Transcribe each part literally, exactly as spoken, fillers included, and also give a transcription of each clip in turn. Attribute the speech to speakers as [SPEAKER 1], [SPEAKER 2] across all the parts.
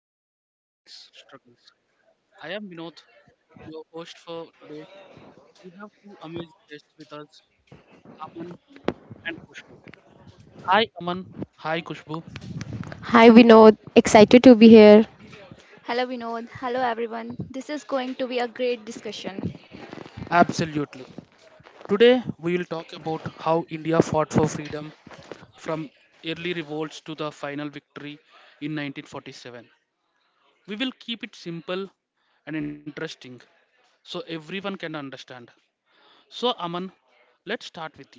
[SPEAKER 1] India's independence struggles. I am Vinod, your host for today. We have two amazing guests with us, Aman and Kushbu. Hi, Aman. Hi, Kushbu.
[SPEAKER 2] Hi Vinod, excited to be here.
[SPEAKER 3] Hello, Vinod. Hello, everyone. This is going to be a great discussion.
[SPEAKER 1] Absolutely. Today, we will talk about how India fought for freedom from early revolts to the final victory in nineteen forty-seven. We will keep it simple and interesting so everyone can understand. So, Aman, let's start with you.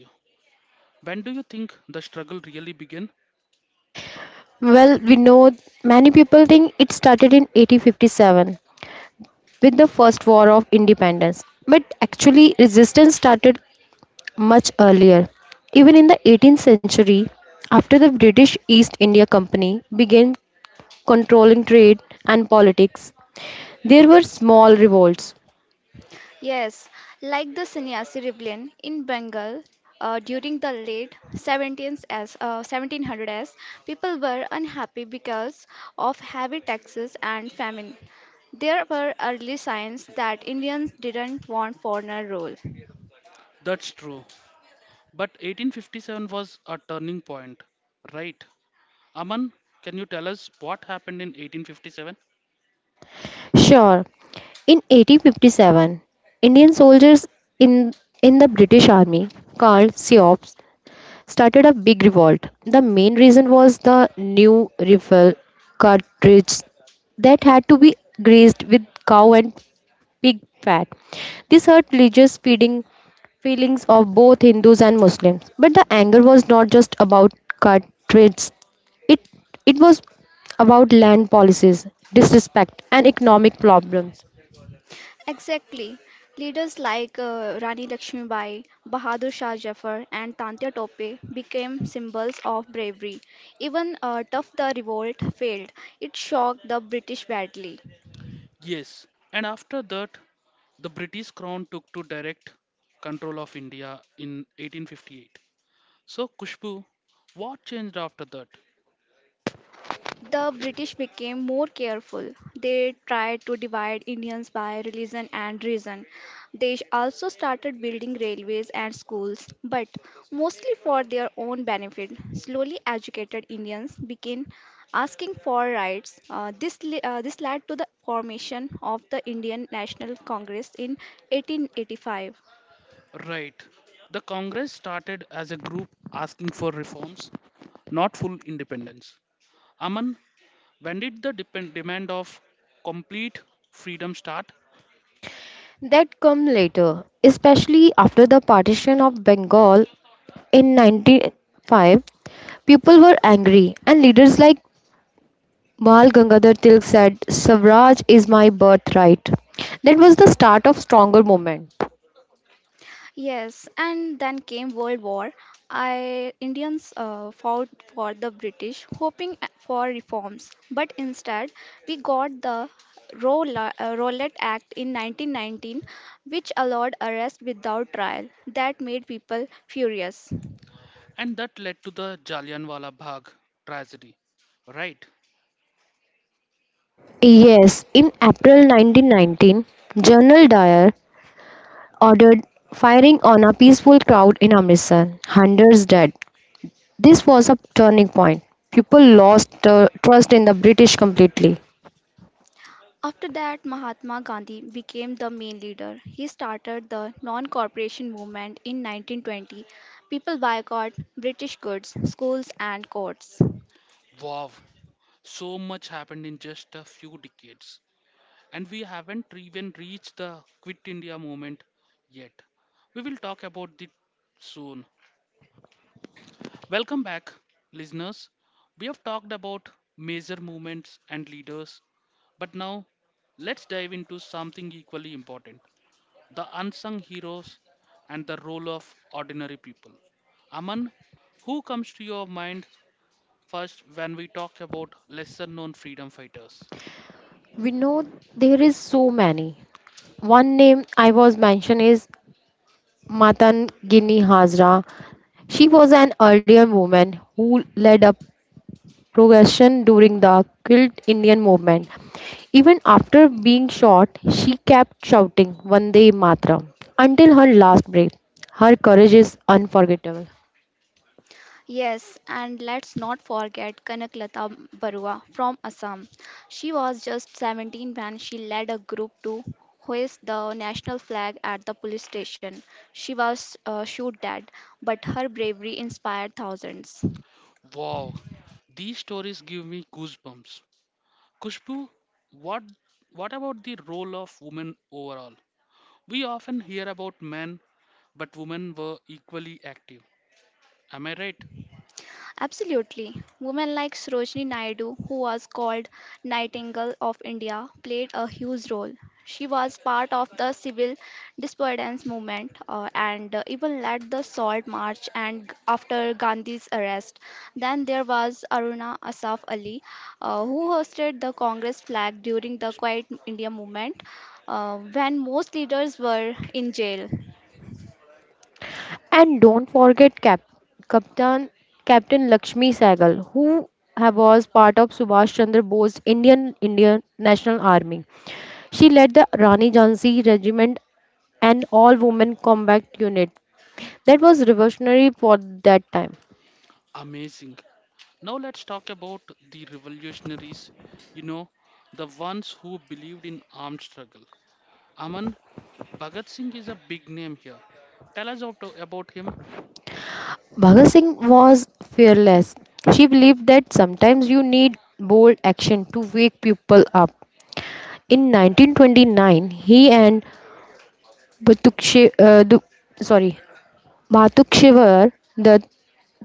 [SPEAKER 1] When do you think the struggle really began?
[SPEAKER 2] Well, Vinod, many people think it started in eighteen fifty-seven with the first war of independence. But actually, resistance started much earlier. Even in the eighteenth century, after the British East India Company began controlling trade and politics, there were small revolts.
[SPEAKER 3] Yes, like the sannyasi rebellion in Bengal uh, during the late seventeenth as, uh, seventeen hundreds, people were unhappy because of heavy taxes and famine. There were early signs that Indians didn't want foreigner rule.
[SPEAKER 1] That's true. But eighteen fifty-seven was a turning point, right? Aman, can you tell us what happened in eighteen fifty-seven?
[SPEAKER 2] Sure, in eighteen fifty-seven, Indian soldiers in, in the British Army, called SEOPs, started a big revolt. The main reason was the new rifle cartridge that had to be greased with cow and pig fat. This hurt religious feeding feelings of both Hindus and Muslims. But the anger was not just about cartridges. It it was about land policies, disrespect, and economic problems
[SPEAKER 3] Exactly. Leaders like uh, Rani Lakshmibai, Bahadur Shah Jafar, and Tantya Tope became symbols of bravery. Even uh, tough the revolt failed. It shocked the British badly.
[SPEAKER 1] Yes. And after that, the British crown took to direct control of India in eighteen fifty-eight. So, Kushbu, what changed after that?
[SPEAKER 3] The British became more careful. They tried to divide Indians by religion and reason. They also started building railways and schools, but mostly for their own benefit. Slowly educated Indians began asking for rights. Uh, this, li- uh, this led to the formation of the Indian National Congress in eighteen eighty-five.
[SPEAKER 1] Right. The Congress started as a group asking for reforms, not full independence. Aman, when did the depend- demand of complete freedom start?
[SPEAKER 2] that come later, especially after the partition of Bengal in nineteen oh five. People were angry, and leaders like Bal Gangadhar Tilak said, Swaraj is my birthright. That was the start of stronger movement.
[SPEAKER 3] Yes, and then came World War. I Indians uh, fought for the British, hoping a- for reforms, but instead we got the Rowla- uh, Rowlatt Act in nineteen nineteen, which allowed arrest without trial. That made people furious.
[SPEAKER 1] And that led to the Jallianwala Bagh tragedy. Right?
[SPEAKER 2] Yes, in April nineteen nineteen, General Dyer ordered firing on a peaceful crowd in Amritsar, hundreds dead. This was a turning point. People lost uh, trust in the British completely.
[SPEAKER 3] After that, Mahatma Gandhi became the main leader. He started the non-cooperation movement in nineteen twenty. People boycott British goods, schools, and courts.
[SPEAKER 1] Wow. So much happened in just a few decades. And we haven't even reached the Quit India movement yet. We will talk about it soon. Welcome back, listeners. We have talked about major movements and leaders, but now let's dive into something equally important the unsung heroes, and the role of ordinary people. Aman, who comes to your mind first when we talk about lesser known freedom fighters?
[SPEAKER 2] We know there is so many. One name I was mentioned is Matan Gini Hazra. She was an Aryan woman who led a progression during the Quilt Indian movement. Even after being shot, she kept shouting Vande Mataram until her last breath. Her courage is unforgettable.
[SPEAKER 3] Yes, and let's not forget Kanaklata Barua from Assam. She was just seventeen when she led a group to hoist the national flag at the police station. She was uh, shot dead, but her bravery inspired thousands.
[SPEAKER 1] Wow, these stories give me goosebumps. Kushbu, what, what about the role of women overall? We often hear about men, but women were equally active. Am I right?
[SPEAKER 3] Absolutely. Women like Sarojini Naidu, who was called Nightingale of India, played a huge role. She was part of the civil disobedience movement uh, and uh, even led the Salt March and g- after Gandhi's arrest. Then there was Aruna Asaf Ali, uh, who hosted the Congress flag during the Quiet India movement uh, when most leaders were in jail.
[SPEAKER 2] And don't forget Cap- Captain Captain Lakshmi Sehgal, who ha- was part of Subhash Chandra Bose's Indian Indian National Army. She led the Rani Jhansi Regiment, an all woman combat unit that was revolutionary for that time.
[SPEAKER 1] Amazing. Now let's talk about the revolutionaries, you know, the ones who believed in armed struggle. Aman, Bhagat Singh is a big name here. Tell us out about him.
[SPEAKER 2] Bhagat Singh was fearless. She believed that sometimes you need bold action to wake people up. In nineteen twenty-nine, he and Bhatukshi, uh, Du- sorry, Bhatukshewar the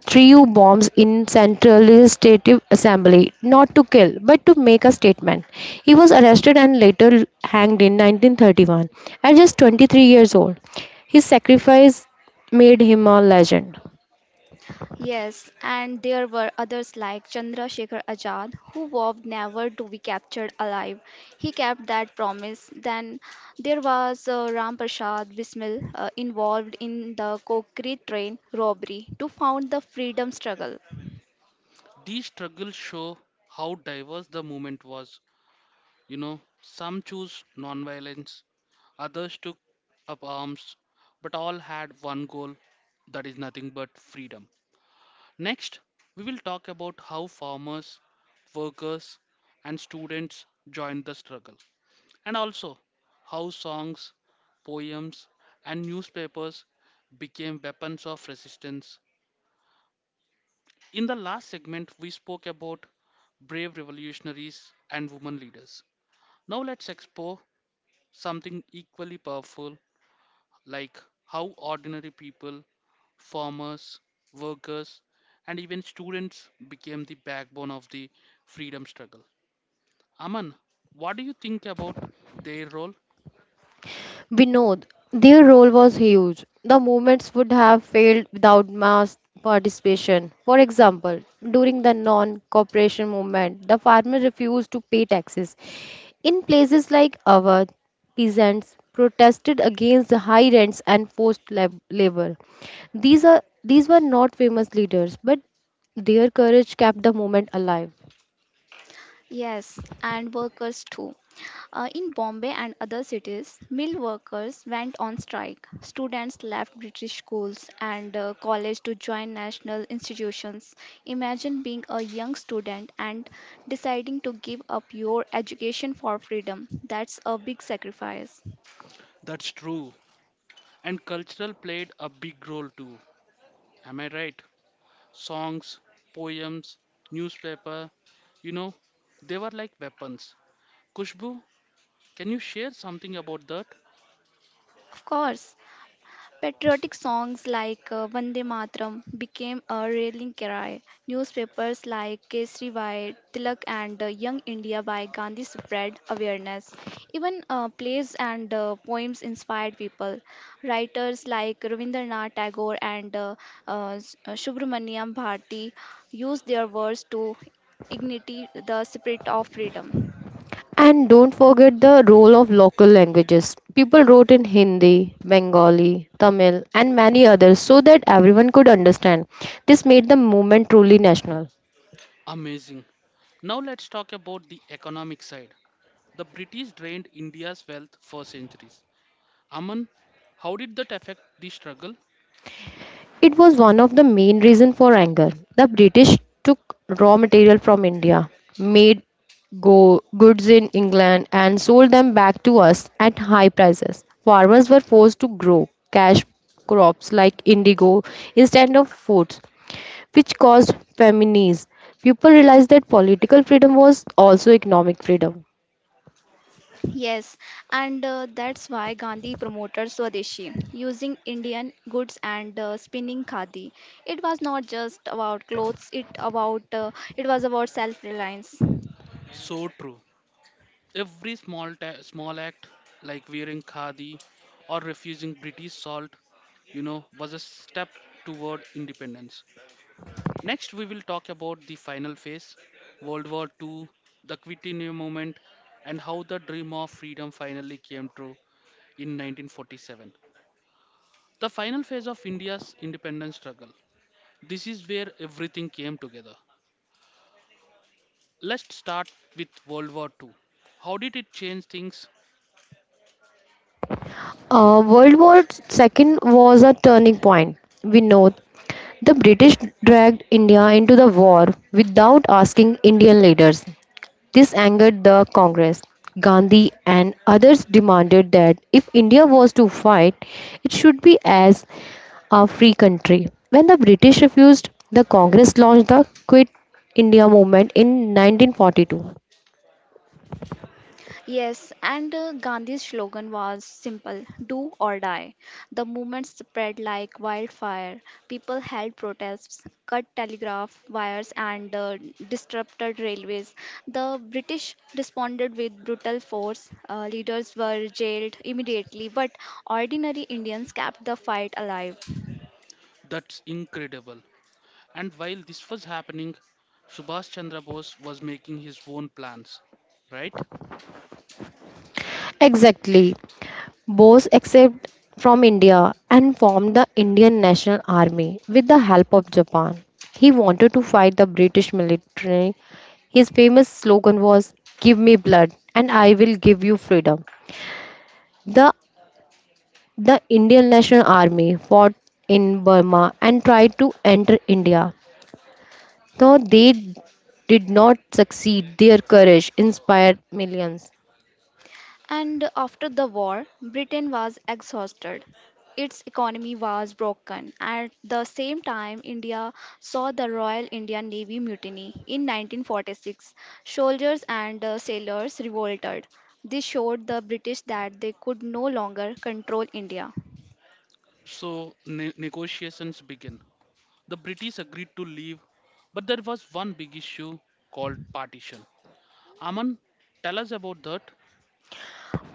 [SPEAKER 2] Trio bombs in Central Legislative Assembly, not to kill, but to make a statement. He was arrested and later hanged in nineteen thirty-one at just twenty-three years old. His sacrifice made him a legend.
[SPEAKER 3] Yes, and there were others like Chandrasekhar Azad, who vowed never to be captured alive. He kept that promise. Then there was uh, Ram Prasad Bismil uh, involved in the Kokri train robbery to found the freedom struggle.
[SPEAKER 1] These struggles show how diverse the movement was. You know, some chose non-violence, others took up arms, but all had one goal that is nothing but freedom. Next, we will talk about how farmers, workers, and students joined the struggle. And also how songs, poems, and newspapers became weapons of resistance. In the last segment, we spoke about brave revolutionaries and women leaders. Now, let's explore something equally powerful like how ordinary people, farmers, workers, and even students became the backbone of the freedom struggle. Aman, what do you think about their role?
[SPEAKER 2] Vinod, their role was huge. The movements would have failed without mass participation. For example, during the non cooperation movement, the farmers refused to pay taxes. In places like Awadh, peasants protested against the high rents and forced lab- labor. These, are, these were not famous leaders, but their courage kept the movement alive.
[SPEAKER 3] Yes, and workers too. Uh, in Bombay and other cities, mill workers went on strike. Students left British schools and uh, college to join national institutions. Imagine being a young student and deciding to give up your education for freedom. That's a big sacrifice.
[SPEAKER 1] That's true. And cultural played a big role too. Am I right? Songs, poems, newspaper, you know, they were like weapons. Kushbu, can you share something about that?
[SPEAKER 3] Of course, patriotic songs like uh, Vande Mataram became a rallying cry. Newspapers like Kesari by Tilak and uh, Young India by Gandhi spread awareness. Even uh, plays and uh, poems inspired people. Writers like Rabindranath Tagore and uh, uh, S- uh, Subramanyam Bharati used their words to ignite the spirit of freedom.
[SPEAKER 2] And don't forget the role of local languages. People wrote in Hindi, Bengali, Tamil, and many others so that everyone could understand. This made the movement truly national.
[SPEAKER 1] Amazing. Now let's talk about the economic side. The British drained India's wealth for centuries. Aman, how did that affect the struggle?
[SPEAKER 2] It was one of the main reasons for anger. The British took raw material from India, made go- goods in England, and sold them back to us at high prices. Farmers were forced to grow cash crops like indigo instead of foods, which caused famines. People realized that political freedom was also economic freedom.
[SPEAKER 3] Yes, and uh, that's why Gandhi promoted Swadeshi, using Indian goods and uh, spinning khadi. It was not just about clothes; it about uh, it was about self-reliance.
[SPEAKER 1] So true. Every small ta- small act, like wearing khadi or refusing British salt, you know, was a step toward independence. Next, we will talk about the final phase, World War two, the Quit India movement, and how the dream of freedom finally came true in nineteen forty-seven. The final phase of India's independence struggle. This is where everything came together. Let's start with World War two. How did it change things?
[SPEAKER 2] Uh, World War two was a turning point. We know the British dragged India into the war without asking Indian leaders. This angered the Congress. Gandhi and others demanded that if India was to fight, it should be as a free country. When the British refused, the Congress launched the Quit India movement in nineteen forty-two.
[SPEAKER 3] Yes, and uh, Gandhi's slogan was simple do or die. The movement spread like wildfire. People held protests, cut telegraph wires, and uh, disrupted railways. The British responded with brutal force. Uh, leaders were jailed immediately, but ordinary Indians kept the fight alive.
[SPEAKER 1] That's incredible. And while this was happening, Subhash Chandra Bose was making his own plans, right?
[SPEAKER 2] Exactly. Bose escaped from India and formed the Indian National Army with the help of Japan. He wanted to fight the British military. His famous slogan was, Give me blood and I will give you freedom. The, the Indian National Army fought in Burma and tried to enter India. Though they did not succeed, their courage inspired millions.
[SPEAKER 3] And after the war, Britain was exhausted. Its economy was broken. At the same time, India saw the Royal Indian Navy mutiny in nineteen forty-six. Soldiers and uh, sailors revolted. This showed the British that they could no longer control India.
[SPEAKER 1] So ne- negotiations began. The British agreed to leave, but there was one big issue called partition. Aman, tell us about that.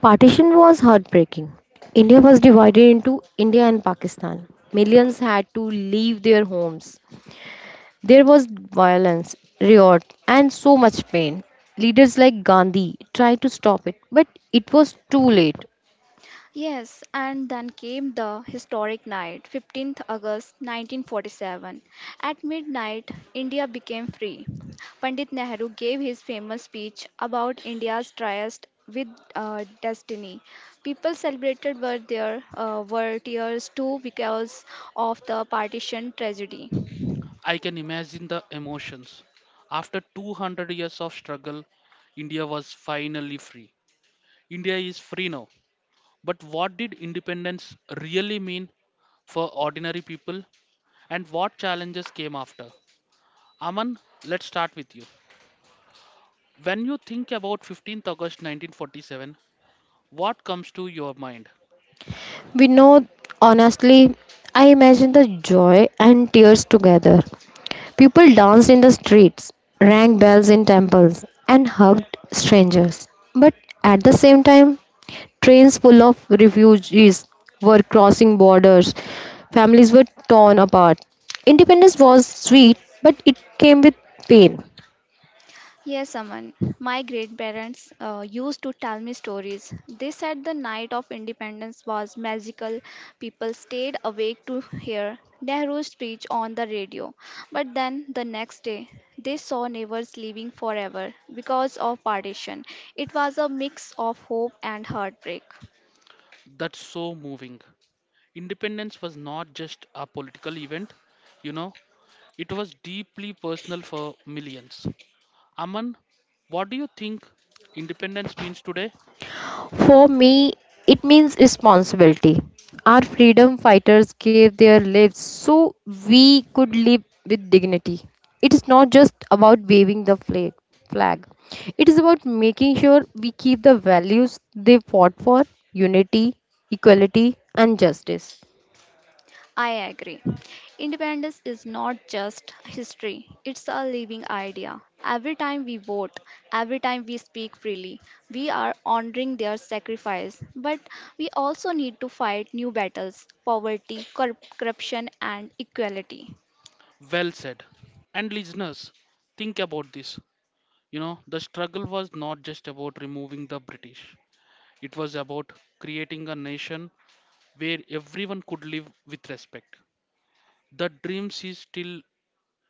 [SPEAKER 2] Partition was heartbreaking. India was divided into India and Pakistan. Millions had to leave their homes. There was violence, riot, and so much pain. Leaders like Gandhi tried to stop it, but it was too late.
[SPEAKER 3] Yes, and then came the historic night, fifteenth August nineteen forty-seven. At midnight, India became free. Pandit Nehru gave his famous speech about India's tryst with uh, destiny. People celebrated were there uh, were tears too because of the partition tragedy.
[SPEAKER 1] I can imagine the emotions. After two hundred years of struggle, India was finally free. India is free now. But what did independence really mean for ordinary people and what challenges came after? Aman, let's start with you. When you think about fifteenth of August nineteen forty-seven, what comes to your mind?
[SPEAKER 2] We know, honestly, I imagine the joy and tears together. People danced in the streets, rang bells in temples, and hugged strangers. But at the same time, trains full of refugees were crossing borders. Families were torn apart. Independence was sweet, but it came with pain.
[SPEAKER 3] Yes, Aman. My great parents uh, used to tell me stories. They said the night of independence was magical. People stayed awake to hear Nehru's speech on the radio. But then the next day, they saw neighbors leaving forever because of partition. It was a mix of hope and heartbreak.
[SPEAKER 1] That's so moving. Independence was not just a political event, you know, it was deeply personal for millions. Aman, what do you think independence means today?
[SPEAKER 2] For me, it means responsibility. Our freedom fighters gave their lives so we could live with dignity. It is not just about waving the flag. flag. It is about making sure we keep the values they fought for: unity, equality, and justice.
[SPEAKER 3] I agree. Independence is not just history, it's a living idea. Every time we vote, every time we speak freely, we are honoring their sacrifice. But we also need to fight new battles poverty, corrup- corruption, and equality.
[SPEAKER 1] Well said. And listeners, think about this. You know, the struggle was not just about removing the British, it was about creating a nation where everyone could live with respect. The dreams is still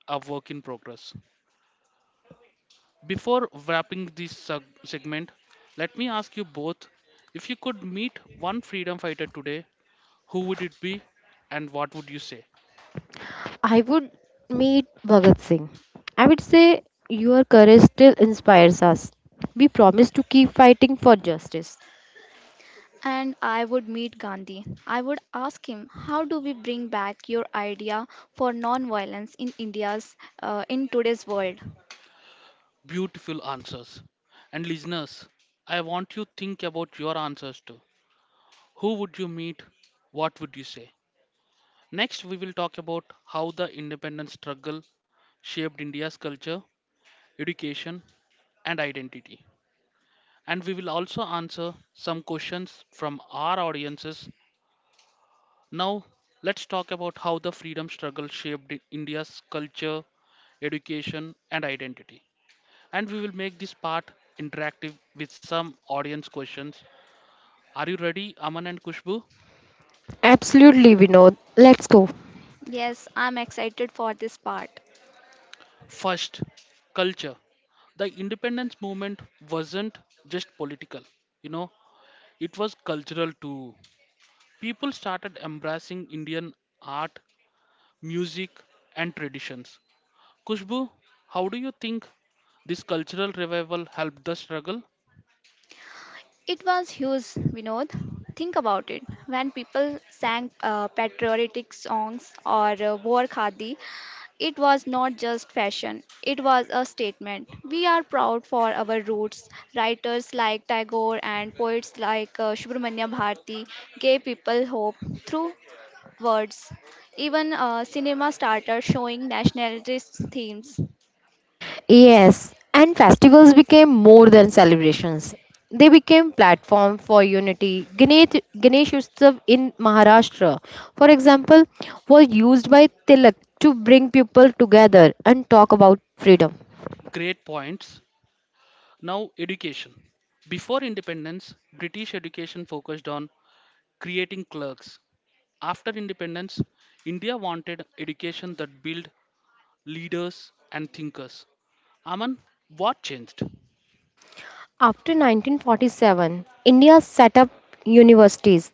[SPEAKER 1] a work in progress. Before wrapping this seg- segment, let me ask you both if you could meet one freedom fighter today, who would it be and what would you say?
[SPEAKER 2] I would meet Bhagat Singh. I would say, your courage still inspires us. We promise to keep fighting for justice.
[SPEAKER 3] And I would meet Gandhi. I would ask him, how do we bring back your idea for non-violence in India's uh, in today's world?
[SPEAKER 1] Beautiful answers. And listeners, I want you think about your answers too. Who would you meet? What would you say? Next, we will talk about how the independence struggle shaped India's culture education, and identity. And we will also answer some questions from our audiences. Now, let's talk about how the freedom struggle shaped I- India's culture, education, and identity. And we will make this part interactive with some audience questions. Are you ready, Aman and Kushbu?
[SPEAKER 2] Absolutely, Vinod. Let's go.
[SPEAKER 3] Yes, I'm excited for this part.
[SPEAKER 1] First, culture. The independence movement wasn't just political, you know, it was cultural too. People started embracing Indian art, music, and traditions. Kushbu, how do you think this cultural revival helped the struggle?
[SPEAKER 3] It was huge, Vinod. Think about it. When people sang uh, patriotic songs or uh, wore khadi, it was not just fashion, it was a statement. We are proud for our roots. Writers like Tagore and poets like uh, Subramanya Bharati gave people hope through words. Even uh, cinema started showing nationalist themes.
[SPEAKER 2] Yes, and festivals became more than celebrations. They became platform for unity. Ganesh, Ganesh Utsav in Maharashtra, for example, was used by Tilak to bring people together and talk about freedom.
[SPEAKER 1] Great points. Now, education. Before independence, British education focused on creating clerks. After independence, India wanted education that built leaders and thinkers. Aman, what changed?
[SPEAKER 2] After nineteen forty-seven, India set up universities,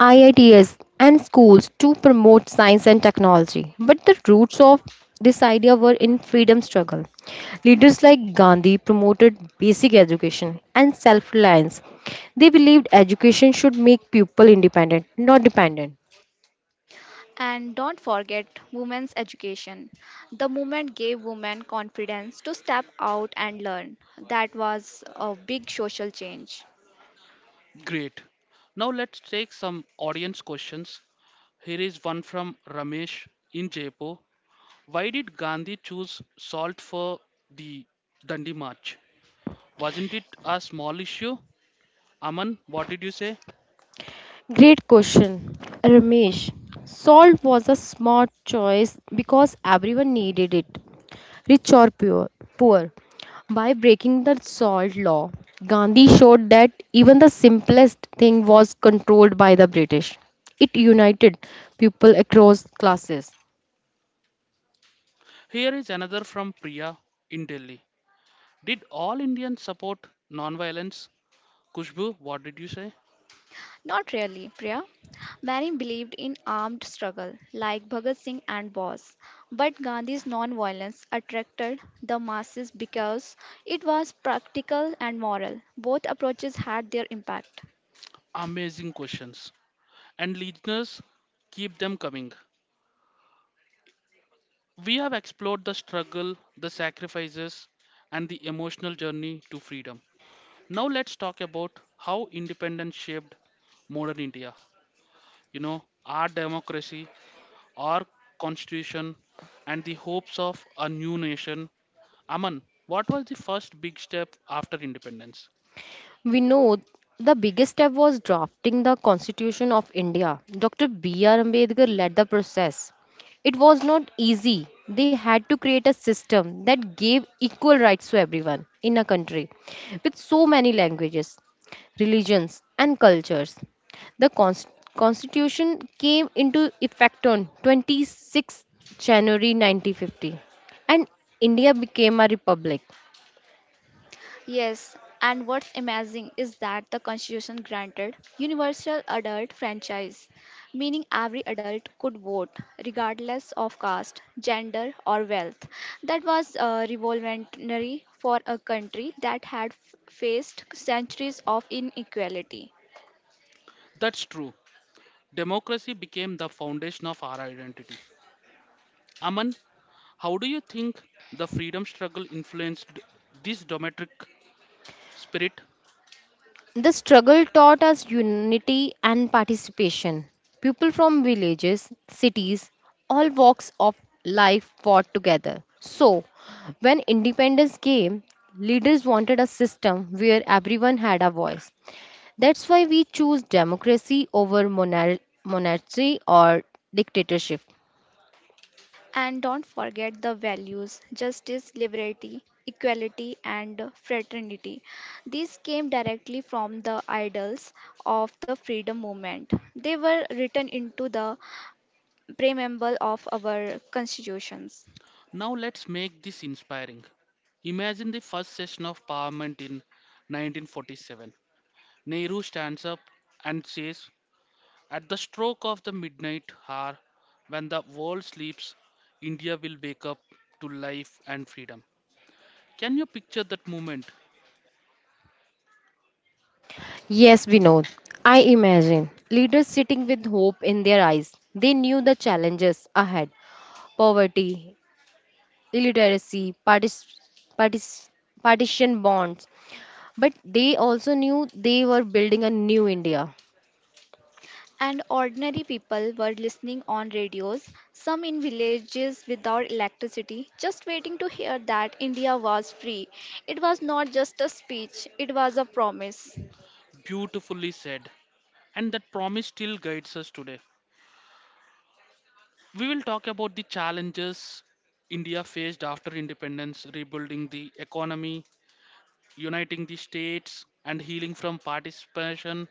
[SPEAKER 2] I I Ts, and schools to promote science and technology. But the roots of this idea were in freedom struggle. Leaders like Gandhi promoted basic education and self-reliance. They believed education should make people independent, not dependent.
[SPEAKER 3] And don't forget women's education. The movement gave women confidence to step out and learn. That was a big social change.
[SPEAKER 1] Great. Now let's take some audience questions. Here is one from Ramesh in Jaipur. Why did Gandhi choose salt for the Dandi March? Wasn't it a small issue? Aman, what did you say?
[SPEAKER 2] Great question, Ramesh. Salt was a smart choice because everyone needed it, rich or pure, poor. By breaking the salt law, Gandhi showed that even the simplest thing was controlled by the British. It united people across classes.
[SPEAKER 1] Here is another from Priya in Delhi. Did all Indians support non-violence? Kushbu, what did you say?
[SPEAKER 3] Not really, Priya. Many believed in armed struggle, like Bhagat Singh and Bose. But Gandhi's non-violence attracted the masses because it was practical and moral. Both approaches had their impact.
[SPEAKER 1] Amazing questions. And listeners, keep them coming. We have explored the struggle, the sacrifices, and the emotional journey to freedom. Now let's talk about how independence shaped modern India. You know, our democracy, our constitution, and the hopes of a new nation. Aman, what was the first big step after independence?
[SPEAKER 2] We know the biggest step was drafting the Constitution of India. Doctor B R. Ambedkar led the process. It was not easy. They had to create a system that gave equal rights to everyone in a country with so many languages, religions, and cultures. The cons- Constitution came into effect on twenty-six January nineteen fifty, and India became a republic.
[SPEAKER 3] Yes, and what's amazing is that the Constitution granted universal adult franchise, meaning every adult could vote, regardless of caste, gender, or wealth. That was uh, revolutionary for a country that had f- faced centuries of inequality.
[SPEAKER 1] That's true. Democracy became the foundation of our identity. Aman, how do you think the freedom struggle influenced this domestic spirit?
[SPEAKER 2] The struggle taught us unity and participation. People from villages, cities, all walks of life fought together. So, when independence came, leaders wanted a system where everyone had a voice. That's why we choose democracy over monar- monarchy or dictatorship.
[SPEAKER 3] And don't forget the values justice, liberty, equality, and fraternity. These came directly from the ideals of the freedom movement. They were written into the preamble of our constitutions.
[SPEAKER 1] Now let's make this inspiring. Imagine the first session of Parliament in nineteen forty-seven. Nehru stands up and says, "At the stroke of the midnight hour, when the world sleeps, India will wake up to life and freedom." Can you picture that moment?
[SPEAKER 2] Yes, Vinod. I imagine leaders sitting with hope in their eyes. They knew the challenges ahead: poverty, illiteracy, partic- partic- partition bonds, but they also knew they were building a new India.
[SPEAKER 3] And ordinary people were listening on radios, some in villages without electricity, just waiting to hear that India was free. It was not just a speech, it was a promise.
[SPEAKER 1] Beautifully said. And that promise still guides us today. We will talk about the challenges India faced after independence, rebuilding the economy, uniting the states and healing from participation.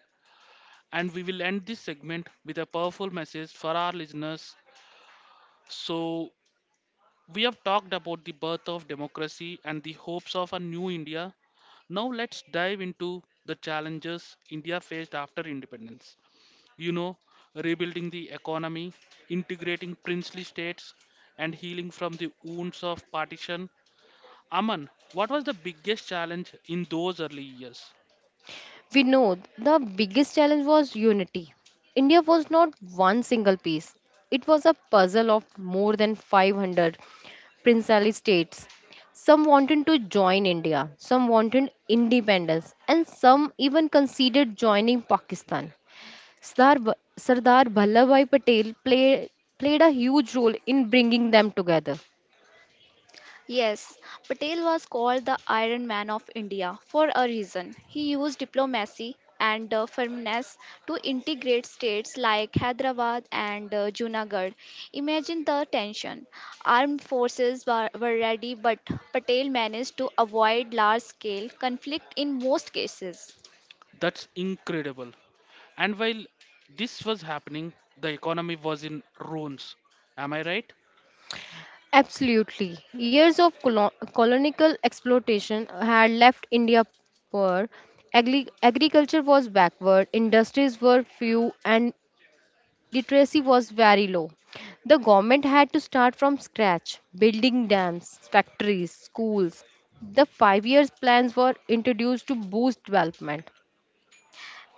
[SPEAKER 1] And we will end this segment with a powerful message for our listeners. So, we have talked about the birth of democracy and the hopes of a new India. Now, let's dive into the challenges India faced after independence. You know, rebuilding the economy, integrating princely states, and healing from the wounds of partition. Aman, what was the biggest challenge in those early years?
[SPEAKER 2] We know the biggest challenge was unity. India was not one single piece, it was a puzzle of more than five hundred princely states. Some wanted to join India, some wanted independence, and some even considered joining Pakistan. Sardar, Va- Sardar Vallabhbhai Patel play, played a huge role in bringing them together.
[SPEAKER 3] Yes, Patel was called the Iron Man of India for a reason. He used diplomacy and uh, firmness to integrate states like Hyderabad and uh, Junagadh. Imagine the tension. Armed forces were, were ready, but Patel managed to avoid large scale conflict in most cases.
[SPEAKER 1] That's incredible. And while this was happening, the economy was in ruins. Am I right?
[SPEAKER 2] Absolutely. Years of colo- colonial exploitation had left India poor. Agri- agriculture was backward, industries were few, and literacy was very low. The government had to start from scratch, building dams, factories, schools. The five years plans were introduced to boost development.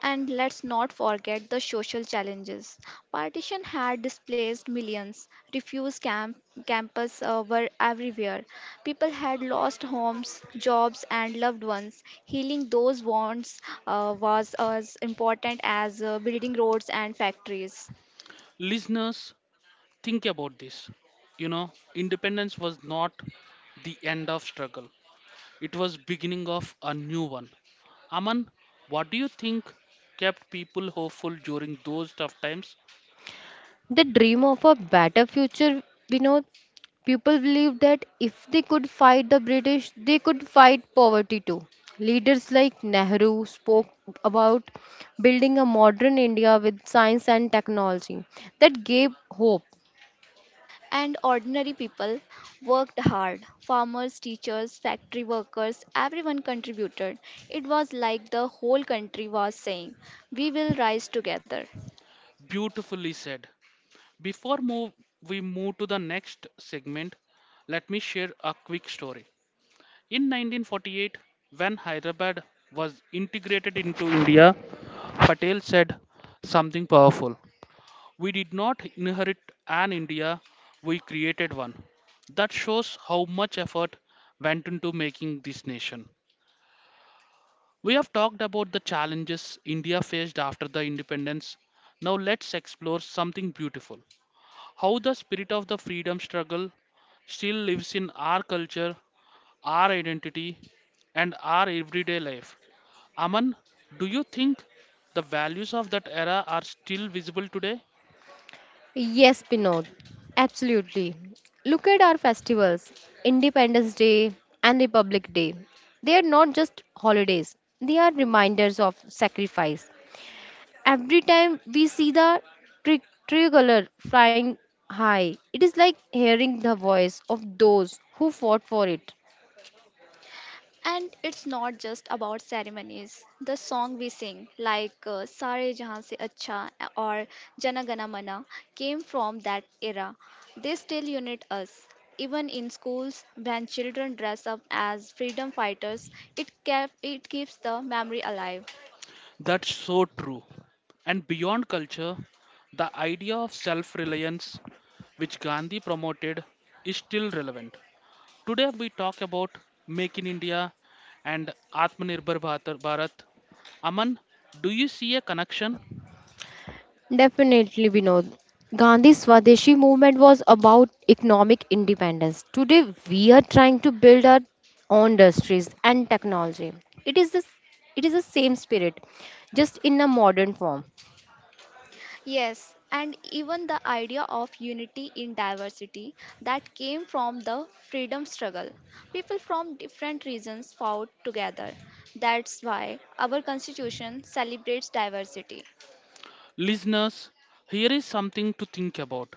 [SPEAKER 3] And let's not forget the social challenges. Partition had displaced millions. Refuse camp, campus uh, were everywhere. People had lost homes, jobs, and loved ones. Healing those wounds uh, was as important as uh, building roads and factories.
[SPEAKER 1] Listeners, think about this. You know, independence was not the end of struggle. It was beginning of a new one. Aman, what do you think kept people hopeful during those tough times?
[SPEAKER 2] They dream of a better future. We know people believe that if they could fight the British, they could fight poverty too. Leaders like Nehru spoke about building a modern India with science and technology that gave hope.
[SPEAKER 3] And ordinary people worked hard. Farmers, teachers, factory workers, everyone contributed. It was like the whole country was saying, we will rise together.
[SPEAKER 1] Beautifully said. Before move, we move to the next segment, let me share a quick story. In nineteen forty-eight, when Hyderabad was integrated into India, Patel said something powerful. "We did not inherit an India, we created one." That shows how much effort went into making this nation. We have talked about the challenges India faced after the independence. Now let's explore something beautiful how the spirit of the freedom struggle still lives in our culture, our identity, and our everyday life. Aman, do you think the values of that era are still visible today?
[SPEAKER 2] Yes, Pinod, absolutely. Look at our festivals: Independence Day and Republic Day. They are not just holidays, they are reminders of sacrifice. Every time we see the tri- tricolor flying high, it is like hearing the voice of those who fought for it.
[SPEAKER 3] And it's not just about ceremonies. The song we sing, like uh, Sare Jahan Se Acha or Jana Gana Mana, came from that era. They still unite us. Even in schools, when children dress up as freedom fighters, it, kept, it keeps the memory alive.
[SPEAKER 1] That's so true. And beyond culture, the idea of self reliance, which Gandhi promoted, is still relevant. Today, we talk about Make in India and Atmanirbhar Bharat. Bharat. Aman, do you see a connection?
[SPEAKER 2] Definitely, Vinod. Gandhi's Swadeshi movement was about economic independence. Today, we are trying to build our own industries and technology. It is the it is the same spirit, just in a modern form.
[SPEAKER 3] Yes, and even the idea of unity in diversity that came from the freedom struggle. People from different regions fought together. That's why our constitution celebrates diversity.
[SPEAKER 1] Listeners, here is something to think about.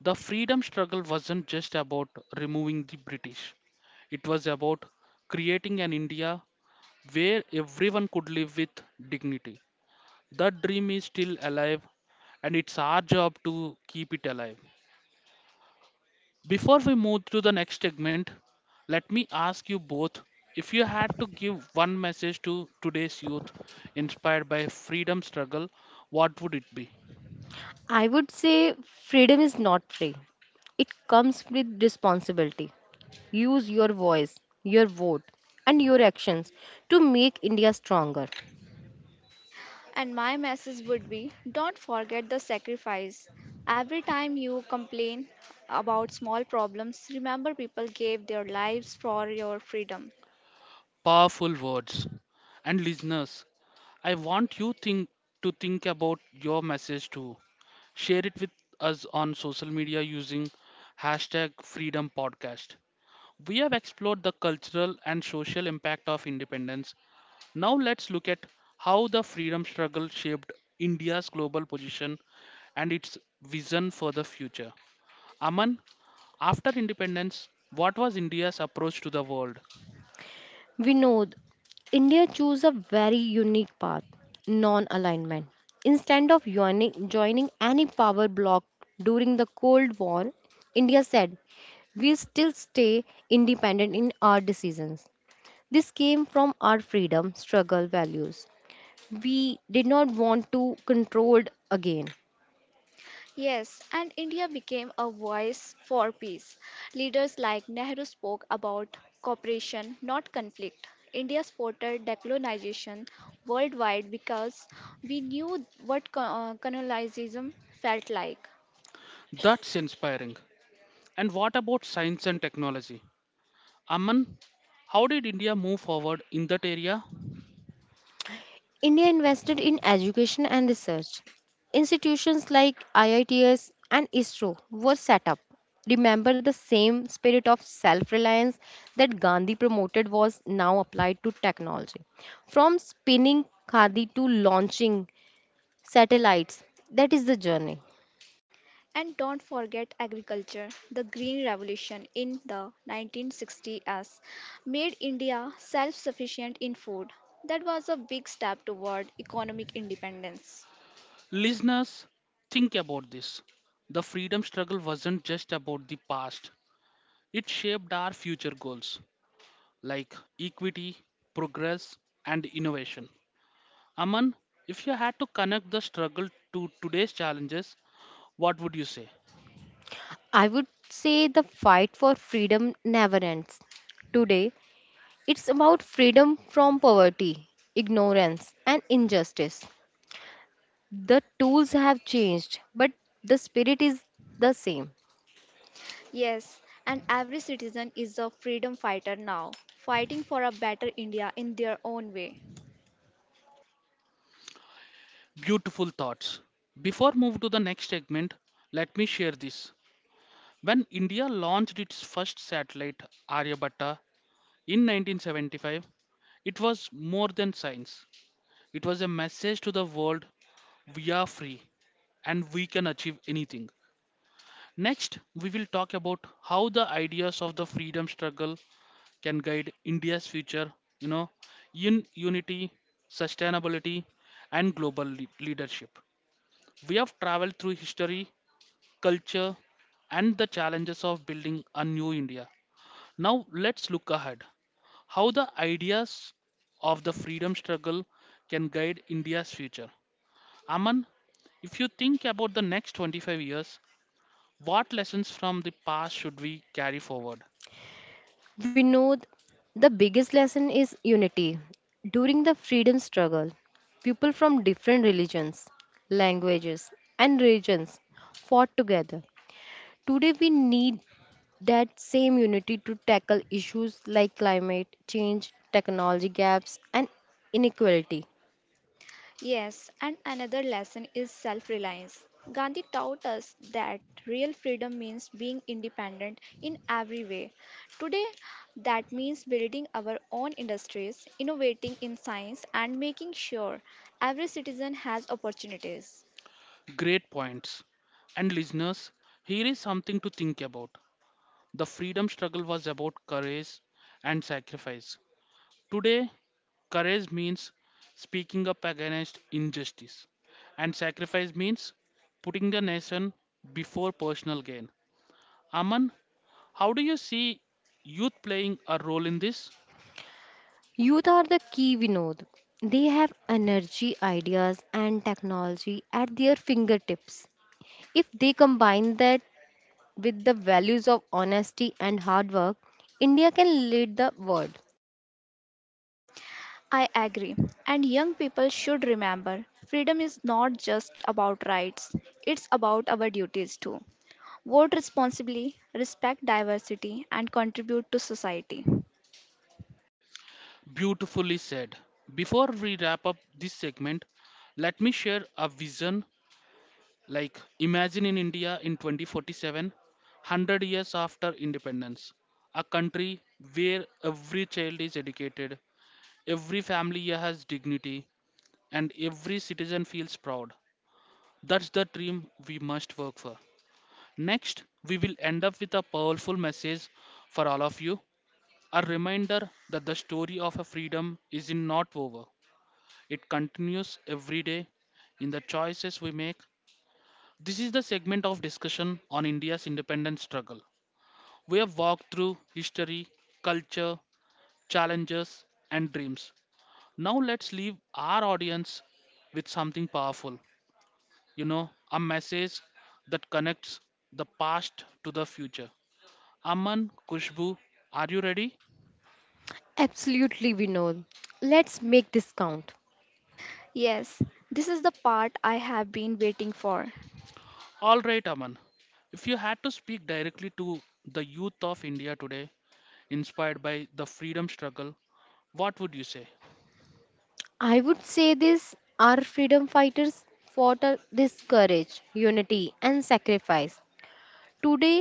[SPEAKER 1] The freedom struggle wasn't just about removing the British, it was about creating an India where everyone could live with dignity. That dream is still alive, and it's our job to keep it alive. Before we move to the next segment, let me ask you both if you had to give one message to today's youth inspired by freedom struggle, what would it be?
[SPEAKER 2] I would say freedom is not free. It comes with responsibility. Use your voice, your vote, and your actions to make India stronger.
[SPEAKER 3] And my message would be don't forget the sacrifice. Every time you complain about small problems, remember people gave their lives for your freedom.
[SPEAKER 1] Powerful words. And listeners, I want you think to think about your message too. Share it with us on social media using hashtag freedom podcast. We have explored the cultural and social impact of independence. Now let's look at how the freedom struggle shaped India's global position and its vision for the future. Aman, after independence, what was India's approach to the world?
[SPEAKER 2] We know th- India chose a very unique path, non alignment. Instead of joining, joining any power bloc during the Cold War, India said, we still stay independent in our decisions. This came from our freedom struggle values. We did not want to controlled again.
[SPEAKER 3] Yes, and India became a voice for peace. Leaders like Nehru spoke about cooperation, not conflict. India supported decolonization worldwide because we knew what co- uh, colonialism felt like.
[SPEAKER 1] That's inspiring. And what about science and technology? Aman, how did India move forward in that area?
[SPEAKER 2] India invested in education and research. Institutions like I I Ts and ISRO were set up. Remember, the same spirit of self-reliance that Gandhi promoted was now applied to technology. From spinning khadi to launching satellites, that is the journey.
[SPEAKER 3] And don't forget agriculture. The Green Revolution in the nineteen sixties made India self sufficient in food. That was a big step toward economic independence.
[SPEAKER 1] Listeners, think about this. The freedom struggle wasn't just about the past, it shaped our future goals like equity, progress, and innovation. Aman, if you had to connect the struggle to today's challenges, what would you say?
[SPEAKER 2] I would say the fight for freedom never ends. Today, it's about freedom from poverty, ignorance, and injustice. The tools have changed, but the spirit is the same.
[SPEAKER 3] Yes, and every citizen is a freedom fighter now, fighting for a better India in their own way.
[SPEAKER 1] Beautiful thoughts. Before move to the next segment, let me share this. When India launched its first satellite, Aryabhatta, in nineteen seventy-five, it was more than science. It was a message to the world we are free and we can achieve anything. Next, we will talk about how the ideas of the freedom struggle can guide India's future, you know, in unity, sustainability, and global lea- leadership. We have traveled through history, culture, and the challenges of building a new India. Now let's look ahead. How the ideas of the freedom struggle can guide India's future. Aman, if you think about the next twenty-five years, what lessons from the past should we carry forward?
[SPEAKER 2] We know th- the biggest lesson is unity. During the freedom struggle, people from different religions, languages, and regions fought together. Today, we need that same unity to tackle issues like climate change, technology gaps, and inequality.
[SPEAKER 3] Yes, and another lesson is self reliance. Gandhi taught us that real freedom means being independent in every way. Today, that means building our own industries, innovating in science, and making sure every citizen has opportunities.
[SPEAKER 1] Great points. And listeners, here is something to think about. The freedom struggle was about courage and sacrifice. Today, courage means speaking up against injustice, and sacrifice means putting the nation before personal gain. Aman, how do you see youth playing a role in this?
[SPEAKER 2] Youth are the key, Vinod. They have energy, ideas, and technology at their fingertips. If they combine that with the values of honesty and hard work, India can lead the world.
[SPEAKER 3] I agree. And young people should remember freedom is not just about rights, it's about our duties too. Vote responsibly, respect diversity, and contribute to society.
[SPEAKER 1] Beautifully said. Before we wrap up this segment, let me share a vision like imagine in India in twenty forty-seven, one hundred years after independence, a country where every child is educated, every family has dignity, and every citizen feels proud. That's the dream we must work for. Next, we will end up with a powerful message for all of you, a reminder that the story of a freedom is in not over, it continues every day in the choices we make. This is the segment of discussion on India's independence struggle. We have walked through history, culture, challenges, and dreams. Now let's leave our audience with something powerful. You know, a message that connects the past to the future. Aman, Kushbu, are you ready?
[SPEAKER 2] Absolutely, Vinod. Let's make this count.
[SPEAKER 3] Yes, this is the part I have been waiting for.
[SPEAKER 1] All right, Aman. If you had to speak directly to the youth of India today, inspired by the freedom struggle, what would you say?
[SPEAKER 2] I would say this, our freedom fighters fought uh, this courage, unity, and sacrifice. Today,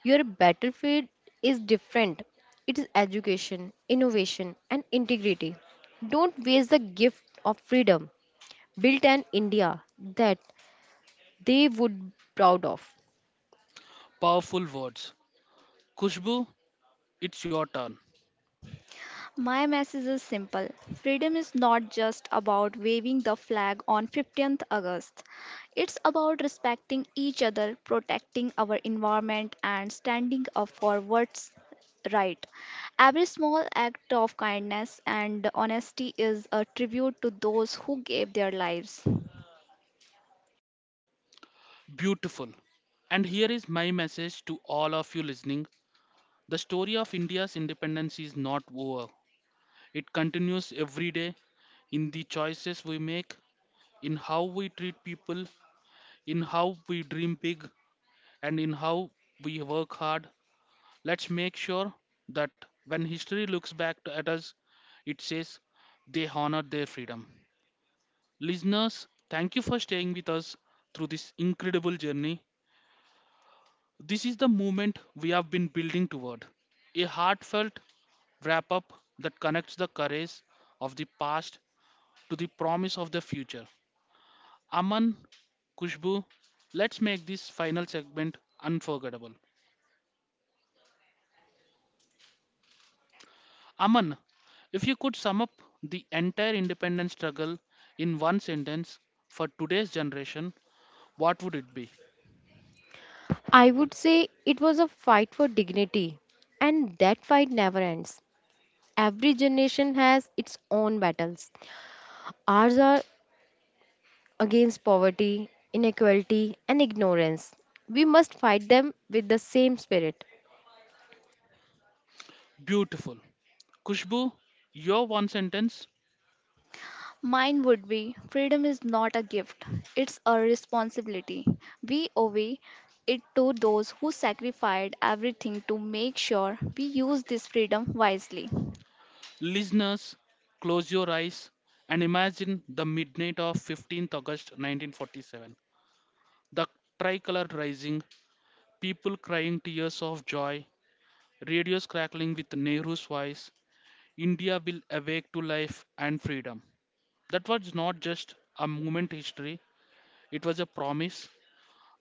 [SPEAKER 2] your battlefield is different. It is education, innovation, and integrity. Don't waste the gift of freedom. Built an India that they would proud of.
[SPEAKER 1] Powerful words. Kushbu, it's your turn.
[SPEAKER 3] My message is simple. Freedom is not just about waving the flag on fifteenth August. It's about respecting each other, protecting our environment, and standing up for what's right. Every small act of kindness and honesty is a tribute to those who gave their lives.
[SPEAKER 1] Beautiful. And here is my message to all of you listening. The story of India's independence is not over. It continues every day in the choices we make, in how we treat people, in how we dream big, and in how we work hard. Let's make sure that when history looks back to- at us, it says they honored their freedom. Listeners, thank you for staying with us through this incredible journey. This is the movement we have been building toward, a heartfelt wrap up that connects the courage of the past to the promise of the future. Aman, Kushbu, let's make this final segment unforgettable. Aman, if you could sum up the entire independence struggle in one sentence for today's generation, what would it be?
[SPEAKER 2] I would say it was a fight for dignity, and that fight never ends. Every generation has its own battles. Ours are against poverty, inequality, and ignorance. We must fight them with the same spirit.
[SPEAKER 1] Beautiful. Kushbu, your one sentence.
[SPEAKER 3] Mine would be freedom is not a gift, it's a responsibility. We owe it to those who sacrificed everything to make sure we use this freedom wisely.
[SPEAKER 1] Listeners, close your eyes and imagine the midnight of August fifteenth nineteen forty-seven. The tricolor rising, people crying tears of joy, radios crackling with Nehru's voice, India will awake to life and freedom. That was not just a moment history, it was a promise,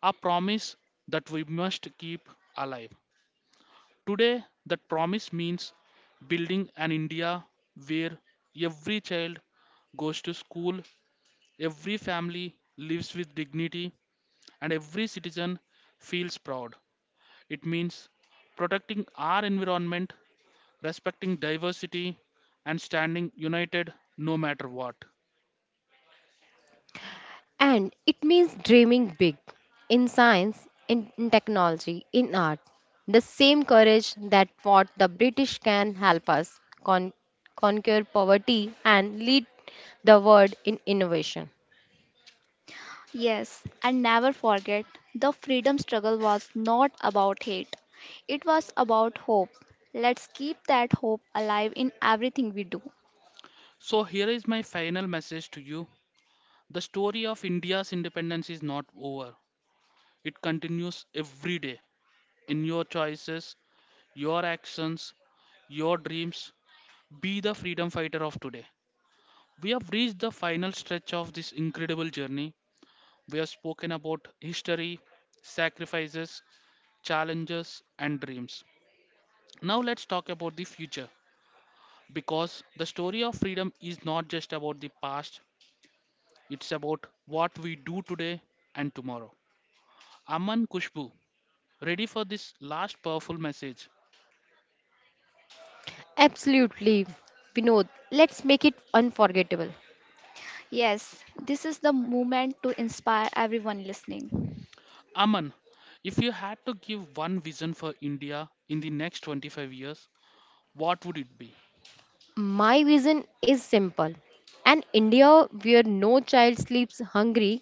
[SPEAKER 1] a promise that we must keep alive. Today, that promise means building an India where every child goes to school, every family lives with dignity, and every citizen feels proud. It means protecting our environment, respecting diversity, and standing united no matter what.
[SPEAKER 2] And it means dreaming big in science, in, in technology, in art. The same courage that fought the British can help us con- conquer poverty and lead the world in innovation.
[SPEAKER 3] Yes, and never forget the freedom struggle was not about hate, it was about hope. Let's keep that hope alive in everything we do.
[SPEAKER 1] So, here is my final message to you. The story of India's independence is not over, it continues every day in your choices, your actions, your dreams. Be the freedom fighter of today. We have reached the final stretch of this incredible journey. We have spoken about history, sacrifices, challenges, and dreams. Now, let's talk about the future. Because the story of freedom is not just about the past, it's about what we do today and tomorrow. Aman, Kushbu, ready for this last powerful message.
[SPEAKER 2] Absolutely, Vinod. Let's make it unforgettable.
[SPEAKER 3] Yes, this is the moment to inspire everyone listening.
[SPEAKER 1] Aman, if you had to give one vision for India in the next twenty-five years, what would it be?
[SPEAKER 2] My vision is simple: an India where no child sleeps hungry,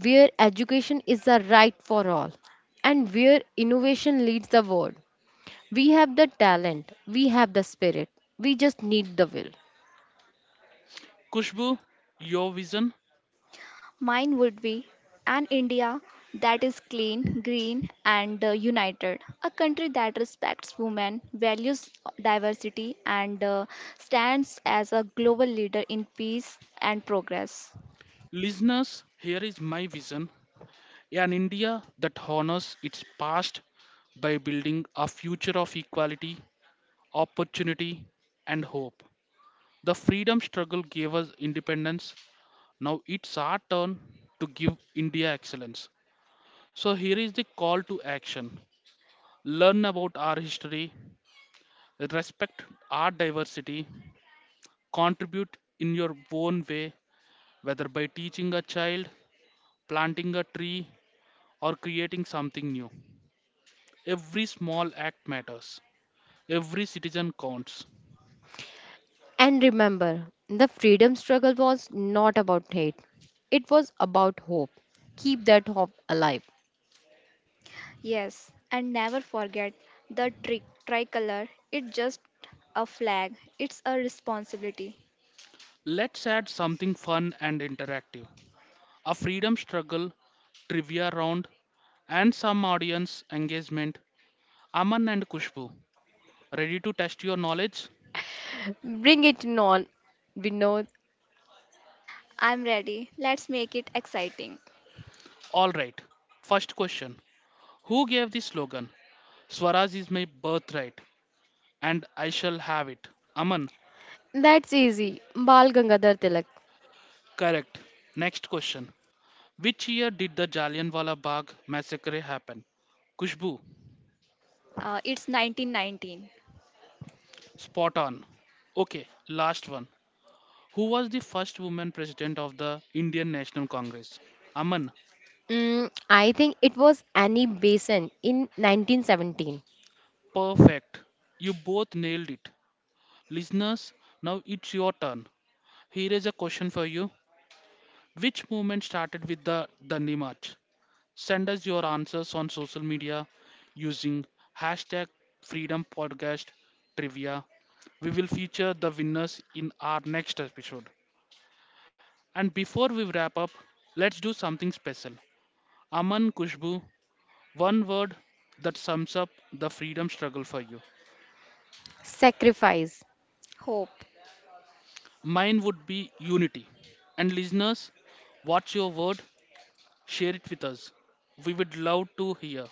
[SPEAKER 2] where education is a right for all, and where innovation leads the world. We have the talent, we have the spirit, we just need the will.
[SPEAKER 1] Kushbu, your vision.
[SPEAKER 3] Mine would be an India that is clean, green, and uh, united. A country that respects women, values diversity, and uh, stands as a global leader in peace and progress.
[SPEAKER 1] Listeners, here is my vision. An India that honors its past by building a future of equality, opportunity, and hope. The freedom struggle gave us independence. Now it's our turn to give India excellence. So here is the call to action: learn about our history, respect our diversity, contribute in your own way, whether by teaching a child, planting a tree, or creating something new. Every small act matters. Every citizen counts.
[SPEAKER 2] And remember, the freedom struggle was not about hate, it was about hope. Keep that hope alive.
[SPEAKER 3] Yes, and never forget the tri- tricolor. It's just a flag, it's a responsibility.
[SPEAKER 1] Let's add something fun and interactive: a freedom struggle, trivia round, and some audience engagement. Aman and Kushbu, ready to test your knowledge?
[SPEAKER 2] Bring it on, Vinod.
[SPEAKER 3] I'm ready. Let's make it exciting.
[SPEAKER 1] Alright, first question: Who gave the slogan? Swaraj is my birthright and I shall have it. Aman,
[SPEAKER 2] That's easy. Bal Gangadhar Tilak.
[SPEAKER 1] correct. Next question: Which year did the Jallianwala Bagh massacre happen? Kushbu,
[SPEAKER 3] Uh, it's nineteen nineteen.
[SPEAKER 1] spot on. Okay, last one. Who was the first woman president of the Indian National Congress? Aman,
[SPEAKER 2] Mm, I think it was Annie Besant in nineteen seventeen.
[SPEAKER 1] perfect. You both nailed it. Listeners, now it's your turn. Here is a question for you. Which movement started with the Dandi March? Send us your answers on social media using hashtag Freedom Podcast Trivia. We will feature the winners in our next episode. And before we wrap up, let's do something special. Aman, Kushbu, one word that sums up the freedom struggle for you.
[SPEAKER 2] Sacrifice.
[SPEAKER 3] Hope.
[SPEAKER 1] Mine would be unity. And listeners, what's your word? Share it with us. We would love to hear.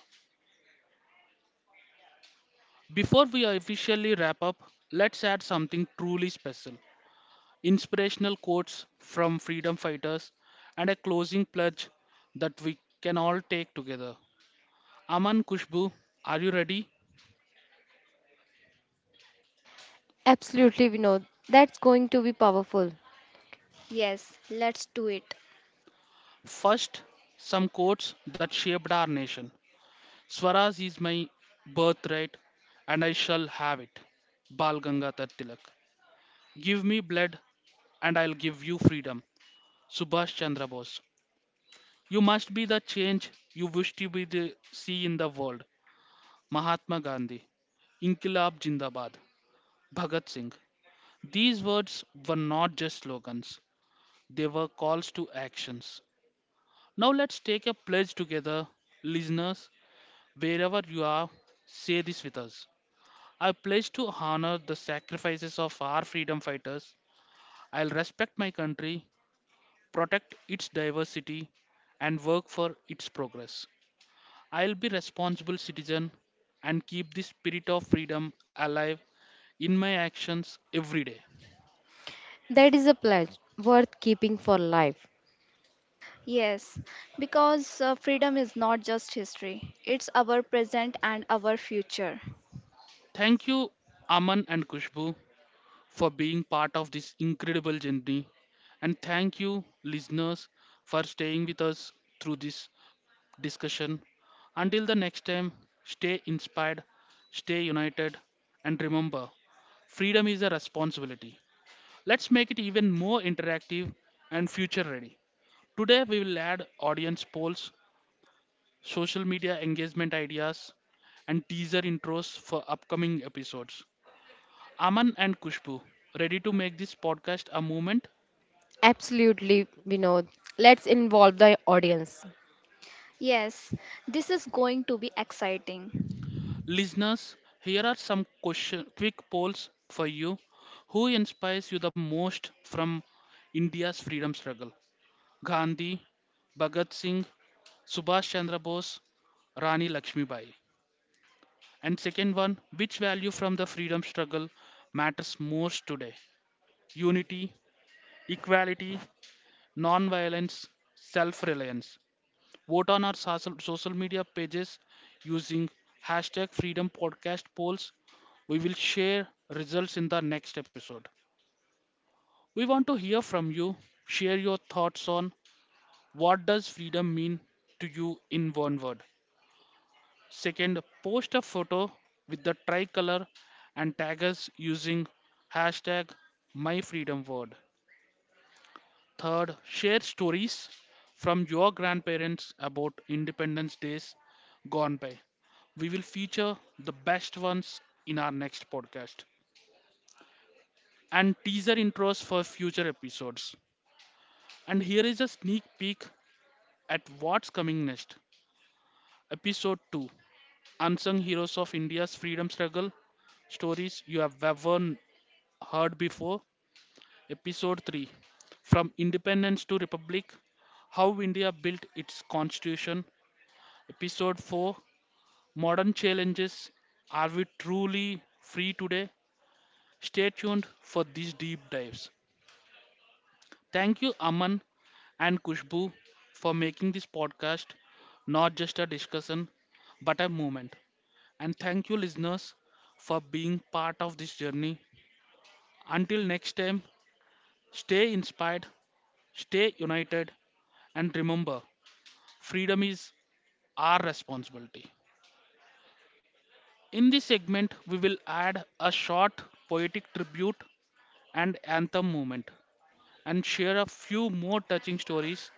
[SPEAKER 1] Before we officially wrap up, let's add something truly special, inspirational quotes from freedom fighters and a closing pledge that we can all take together. Aman, Kushbu, are you ready?
[SPEAKER 2] Absolutely, Vinod. That's going to be powerful.
[SPEAKER 3] Yes, let's do it.
[SPEAKER 1] First, some quotes that shaped our nation. Swaraj is my birthright and I shall have it. Bal Gangadhar Tilak. Give me blood and I'll give you freedom. Subhash Chandra Bose. You must be the change you wish to be the, see in the world. Mahatma Gandhi. Inkilab Jindabad. Bhagat Singh. These words were not just slogans, they were calls to actions. Now let's take a pledge together, listeners, wherever you are, say this with us. I pledge to honor the sacrifices of our freedom fighters. I'll respect my country, protect its diversity, and work for its progress. I'll be responsible citizen and keep the spirit of freedom alive in my actions every day.
[SPEAKER 2] That is a pledge worth keeping for life.
[SPEAKER 3] Yes, because uh, freedom is not just history, it's our present and our future.
[SPEAKER 1] Thank you Aman and Kushbu for being part of this incredible journey, and thank you listeners for staying with us through this discussion. Until the next time, stay inspired, stay united and remember freedom is a responsibility. Let's make it even more interactive and future ready. Today, we will add audience polls, social media engagement ideas, and teaser intros for upcoming episodes. Aman and Kushbu, ready to make this podcast a movement?
[SPEAKER 2] Absolutely, Vinod. Let's involve the audience.
[SPEAKER 3] Yes, this is going to be exciting.
[SPEAKER 1] Listeners, here are some question, quick polls for you. Who inspires you the most from India's freedom struggle? Gandhi, Bhagat Singh, Subhash Chandra Bose, Rani Lakshmibai. And second one, which value from the freedom struggle matters most today? Unity, equality, non-violence, self-reliance. Vote on our social social media pages using hashtag freedom podcast polls. We will share results in the next episode. We want to hear from you. Share your thoughts on what does freedom mean to you in one word. Second, post a photo with the tricolor and tag us using hashtag MyFreedomWord. Third, share stories from your grandparents about Independence Days gone by. We will feature the best ones in our next podcast and teaser intros for future episodes. And here is a sneak peek at what's coming next. Episode two: Unsung Heroes of India's Freedom Struggle, Stories You Have Ever Heard Before. Episode three: From Independence to Republic, How India Built Its Constitution. Episode four: Modern Challenges, Are We Truly Free Today? Stay tuned for these deep dives. Thank you, Aman and Kushbu, for making this podcast not just a discussion but a movement. And thank you, listeners, for being part of this journey. Until next time, stay inspired, stay united, and remember freedom is our responsibility. In this segment, we will add a short poetic tribute and anthem moment and share a few more touching stories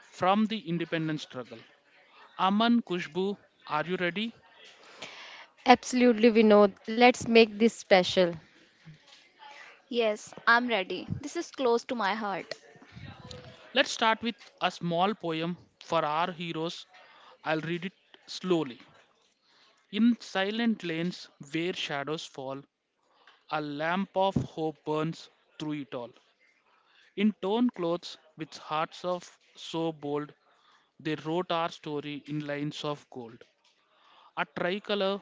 [SPEAKER 1] from the independence struggle. Aman, Kushbu, are you ready?
[SPEAKER 2] Absolutely, Vinod. Let's make this special.
[SPEAKER 3] Yes, I'm ready. This is close to my heart.
[SPEAKER 1] Let's start with a small poem for our heroes. I'll read it slowly. In silent lanes where shadows fall, a lamp of hope burns through it all. In torn clothes with hearts of so bold, they wrote our story in lines of gold. A tricolor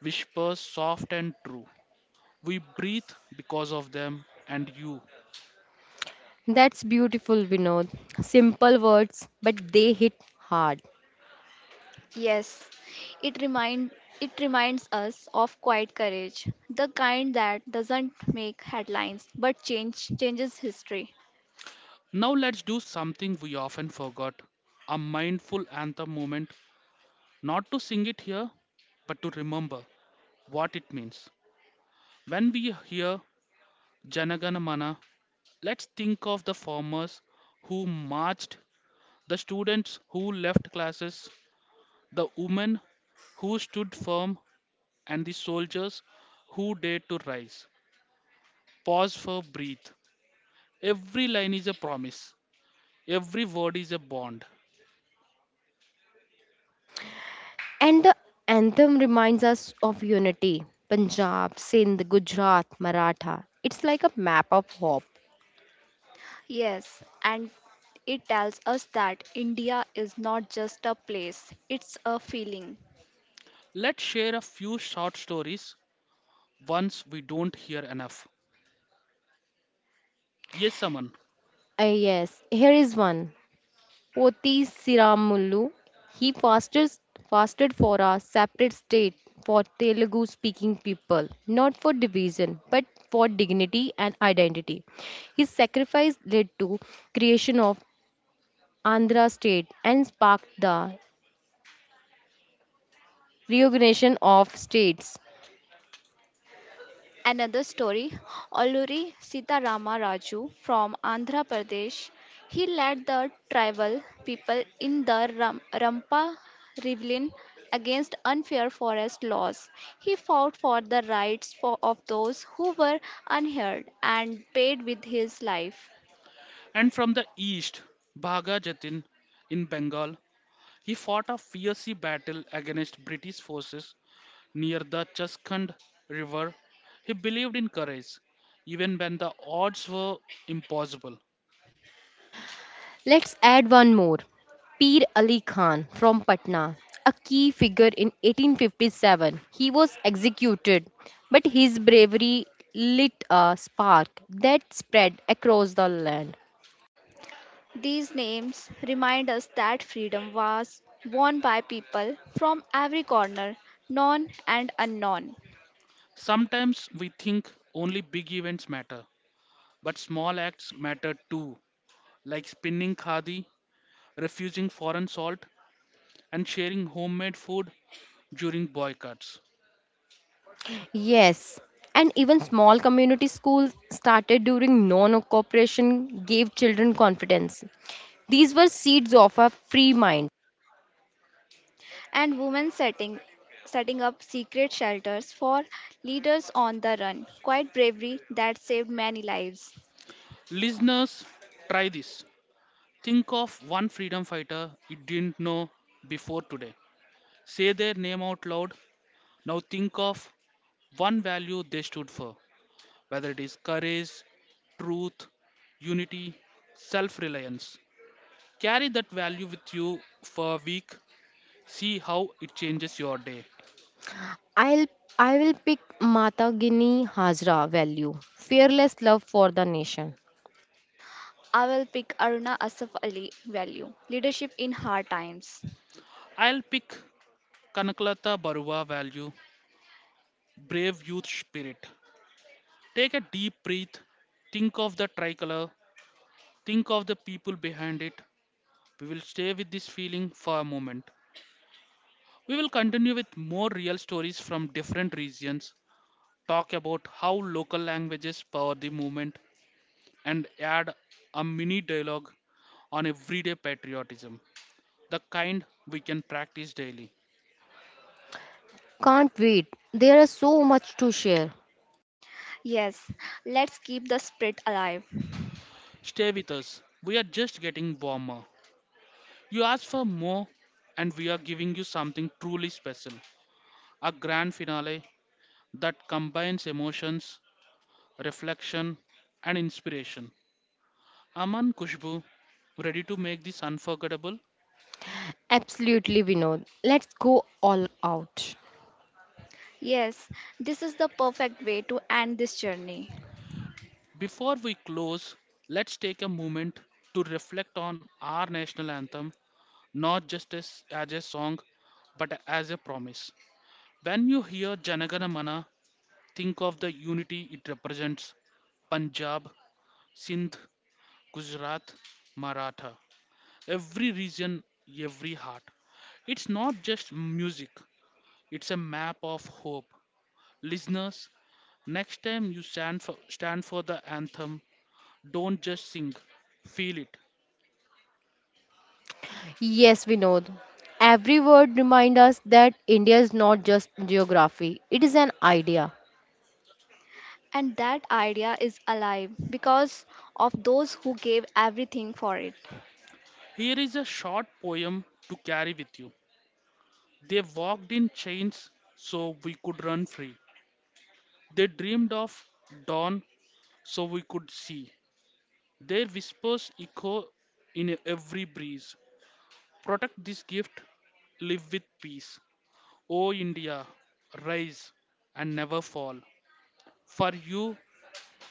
[SPEAKER 1] whispers soft and true. We breathe because of them and you.
[SPEAKER 2] That's beautiful, Vinod. Simple words, but they hit hard.
[SPEAKER 3] Yes, it remind it reminds us of quiet courage, the kind that doesn't make headlines but change changes history.
[SPEAKER 1] Now let's do something we often forgot, a mindful anthem moment, not to sing it here, but to remember what it means. When we hear Janagana Mana, let's think of the farmers who marched, the students who left classes, the women who stood firm, and the soldiers who dared to rise. Pause for breath. Every line is a promise, every word is a bond.
[SPEAKER 2] And the anthem reminds us of unity. Punjab, Sindh, Gujarat, Maratha. It's like a map of hope.
[SPEAKER 3] Yes, and it tells us that India is not just a place, it's a feeling.
[SPEAKER 1] Let's share a few short stories Once we don't hear enough. Yes, Saman.
[SPEAKER 2] Ah yes, here is one. Poti Siramullu. He fasted, fasted for a separate state for Telugu speaking people, not for division, but for dignity and identity. His sacrifice led to creation of Andhra state and sparked the reorganization of states.
[SPEAKER 3] Another story Alluri Sitarama Raju from Andhra Pradesh. He led the tribal people in the Ram- Rampa rebellion against unfair forest laws. He fought for the rights for, of those who were unheard and paid with his life.
[SPEAKER 1] And from the east, Bhaga Jatin in Bengal, he fought a fierce battle against British forces near the Chaskand River. He believed in courage, even when the odds were impossible.
[SPEAKER 2] Let's add one more. Pir Ali Khan from Patna, a key figure in eighteen fifty-seven. He was executed, but his bravery lit a spark that spread across the land.
[SPEAKER 3] These names remind us that freedom was won by people from every corner, known and unknown.
[SPEAKER 1] Sometimes we think only big events matter, but small acts matter too, like spinning khadi, refusing foreign salt, and sharing homemade food during boycotts.
[SPEAKER 2] Yes, and even small community schools started during non cooperation gave children confidence. These were seeds of a free mind.
[SPEAKER 3] And women setting setting up secret shelters for leaders on the run. Quite bravery that saved many lives.
[SPEAKER 1] Listeners, try this. Think of one freedom fighter you didn't know before today. Say their name out loud. Now think of one value they stood for, whether it is courage, truth, unity, self reliance. Carry that value with you for a week. See how it changes your day.
[SPEAKER 2] I'll I will pick Mata Gini Hazra value, fearless love for the nation.
[SPEAKER 3] I will pick Aruna Asaf Ali value. Leadership in hard times.
[SPEAKER 1] I'll pick Kanaklata Barua value, brave youth spirit. Take a deep breath. Think of the tricolor, think of the people behind it. We will stay with this feeling for a moment. We will continue with more real stories from different regions, talk about how local languages power the movement, and add a mini dialogue on everyday patriotism, the kind we can practice daily.
[SPEAKER 2] Can't wait. There is so much to share.
[SPEAKER 3] Yes, let's keep the spirit alive.
[SPEAKER 1] Stay with us, we are just getting warmer. You asked for more, and we are giving you something truly special, a grand finale that combines emotions, reflection, and inspiration. Aman Kushbu, ready to make this unforgettable?
[SPEAKER 2] Absolutely, Vinod. Let's go all out.
[SPEAKER 3] Yes, this is the perfect way to end this journey.
[SPEAKER 1] Before we close, let's take a moment to reflect on our national anthem, not just as, as a song, but as a promise. When you hear Janagana Mana, think of the unity it represents: Punjab, Sindh, Gujarat, Maratha. Every region, every heart. It's not just music, it's a map of hope. Listeners, next time you stand for, stand for the anthem, don't just sing, feel it.
[SPEAKER 2] Yes, Vinod. Every word reminds us that India is not just geography, it is an idea.
[SPEAKER 3] And that idea is alive because of those who gave everything for it.
[SPEAKER 1] Here is a short poem to carry with you. They walked in chains so we could run free. They dreamed of dawn so we could see. Their whispers echo in every breeze. Protect this gift, live with peace. O India, rise and never fall. For you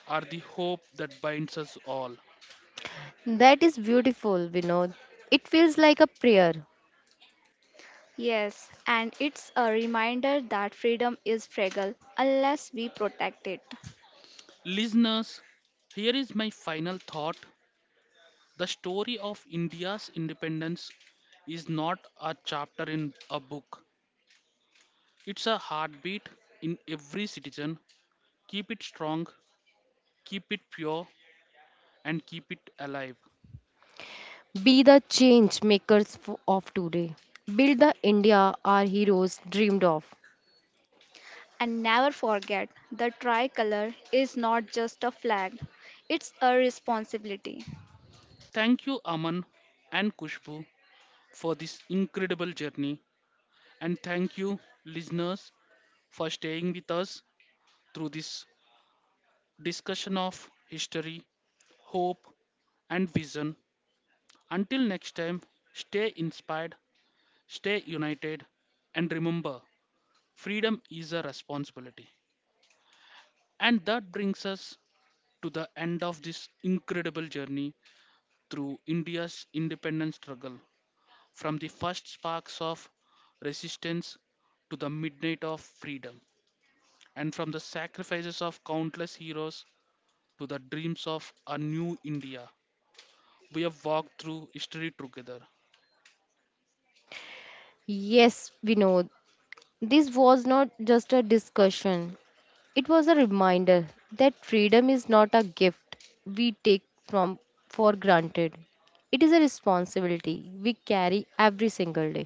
[SPEAKER 1] are the hope that binds us all.
[SPEAKER 2] That is beautiful, Vinod. It feels like a prayer.
[SPEAKER 3] Yes, and it's a reminder that freedom is fragile unless we protect it.
[SPEAKER 1] Listeners, here is my final thought. The story of India's independence is not a chapter in a book, it's a heartbeat in every citizen. Keep it strong, keep it pure, and keep it alive.
[SPEAKER 2] Be the change makers f- of today. Build the India our heroes dreamed of.
[SPEAKER 3] And never forget the tricolor is not just a flag, it's a responsibility
[SPEAKER 1] Thank you, Aman and Kushbu, for this incredible journey. And thank you, listeners, for staying with us through this discussion of history, hope, and vision. Until next time, stay inspired, stay united, and remember freedom is a responsibility. And that brings us to the end of this incredible journey through India's independence struggle, from the first sparks of resistance to the midnight of freedom, and from the sacrifices of countless heroes to the dreams of a new India. We have walked through history together.
[SPEAKER 2] Yes, Vinod. This was not just a discussion, it was a reminder that freedom is not a gift we take from for granted. It is a responsibility we carry every single day.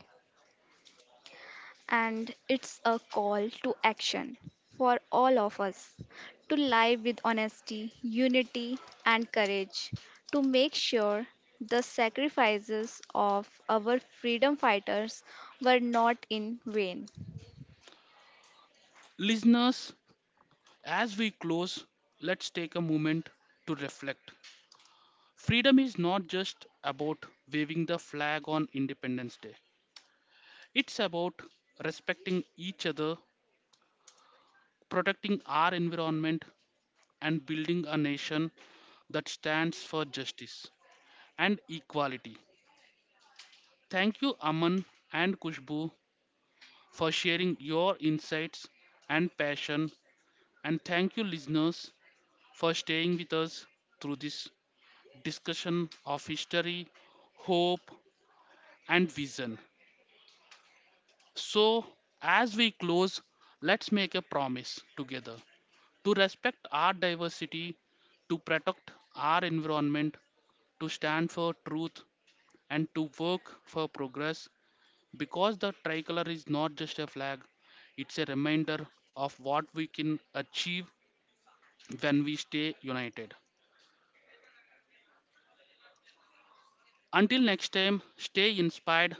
[SPEAKER 3] and it's a call to action for all of us to live with honesty, unity, and courage to make sure the sacrifices of our freedom fighters were not in vain.
[SPEAKER 1] Listeners, as we close, let's take a moment to reflect. Freedom is not just about waving the flag on Independence Day, it's about respecting each other, protecting our environment, and building a nation that stands for justice and equality. Thank you, Aman and Kushbu, for sharing your insights and passion. And thank you, listeners, for staying with us through this discussion of history, hope, and vision. So, as we close, let's make a promise together to respect our diversity, to protect our environment, to stand for truth, and to work for progress, because the tricolor is not just a flag, it's a reminder of what we can achieve when we stay united. Until next time, stay inspired,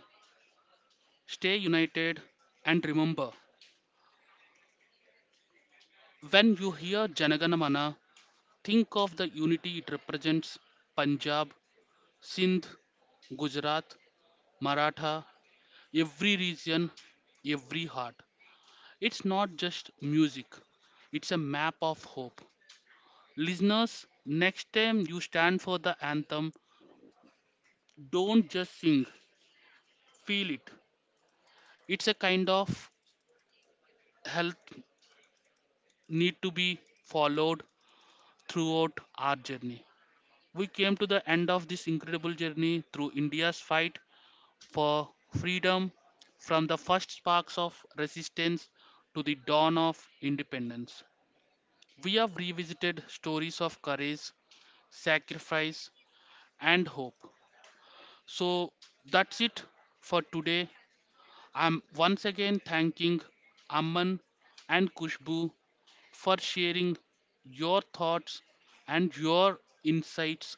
[SPEAKER 1] stay united, and remember, when you hear Janaganamana, think of the unity it represents: Punjab, Sindh, Gujarat, Maratha, every region, every heart. It's not just music, it's a map of hope. Listeners, next time you stand for the anthem, don't just sing, feel it. It's a kind of health need to be followed throughout our journey. We came to the end of this incredible journey through India's fight for freedom, from the first sparks of resistance to the dawn of independence. We have revisited stories of courage, sacrifice, and hope. So that's it for today. I'm once again thanking Amman and Kushbu for sharing your thoughts and your insights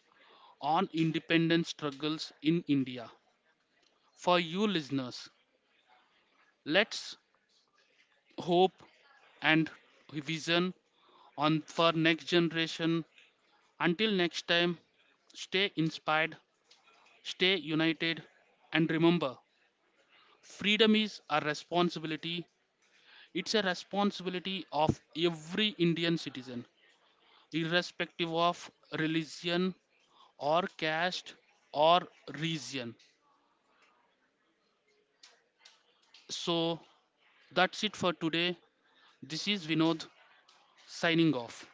[SPEAKER 1] on independence struggles in India. For you listeners, let's hope and vision on for next generation. Until next time, stay inspired, stay united, and remember, freedom is a responsibility. It's a responsibility of every Indian citizen, irrespective of religion or caste or region. So that's it for today. This is Vinod signing off.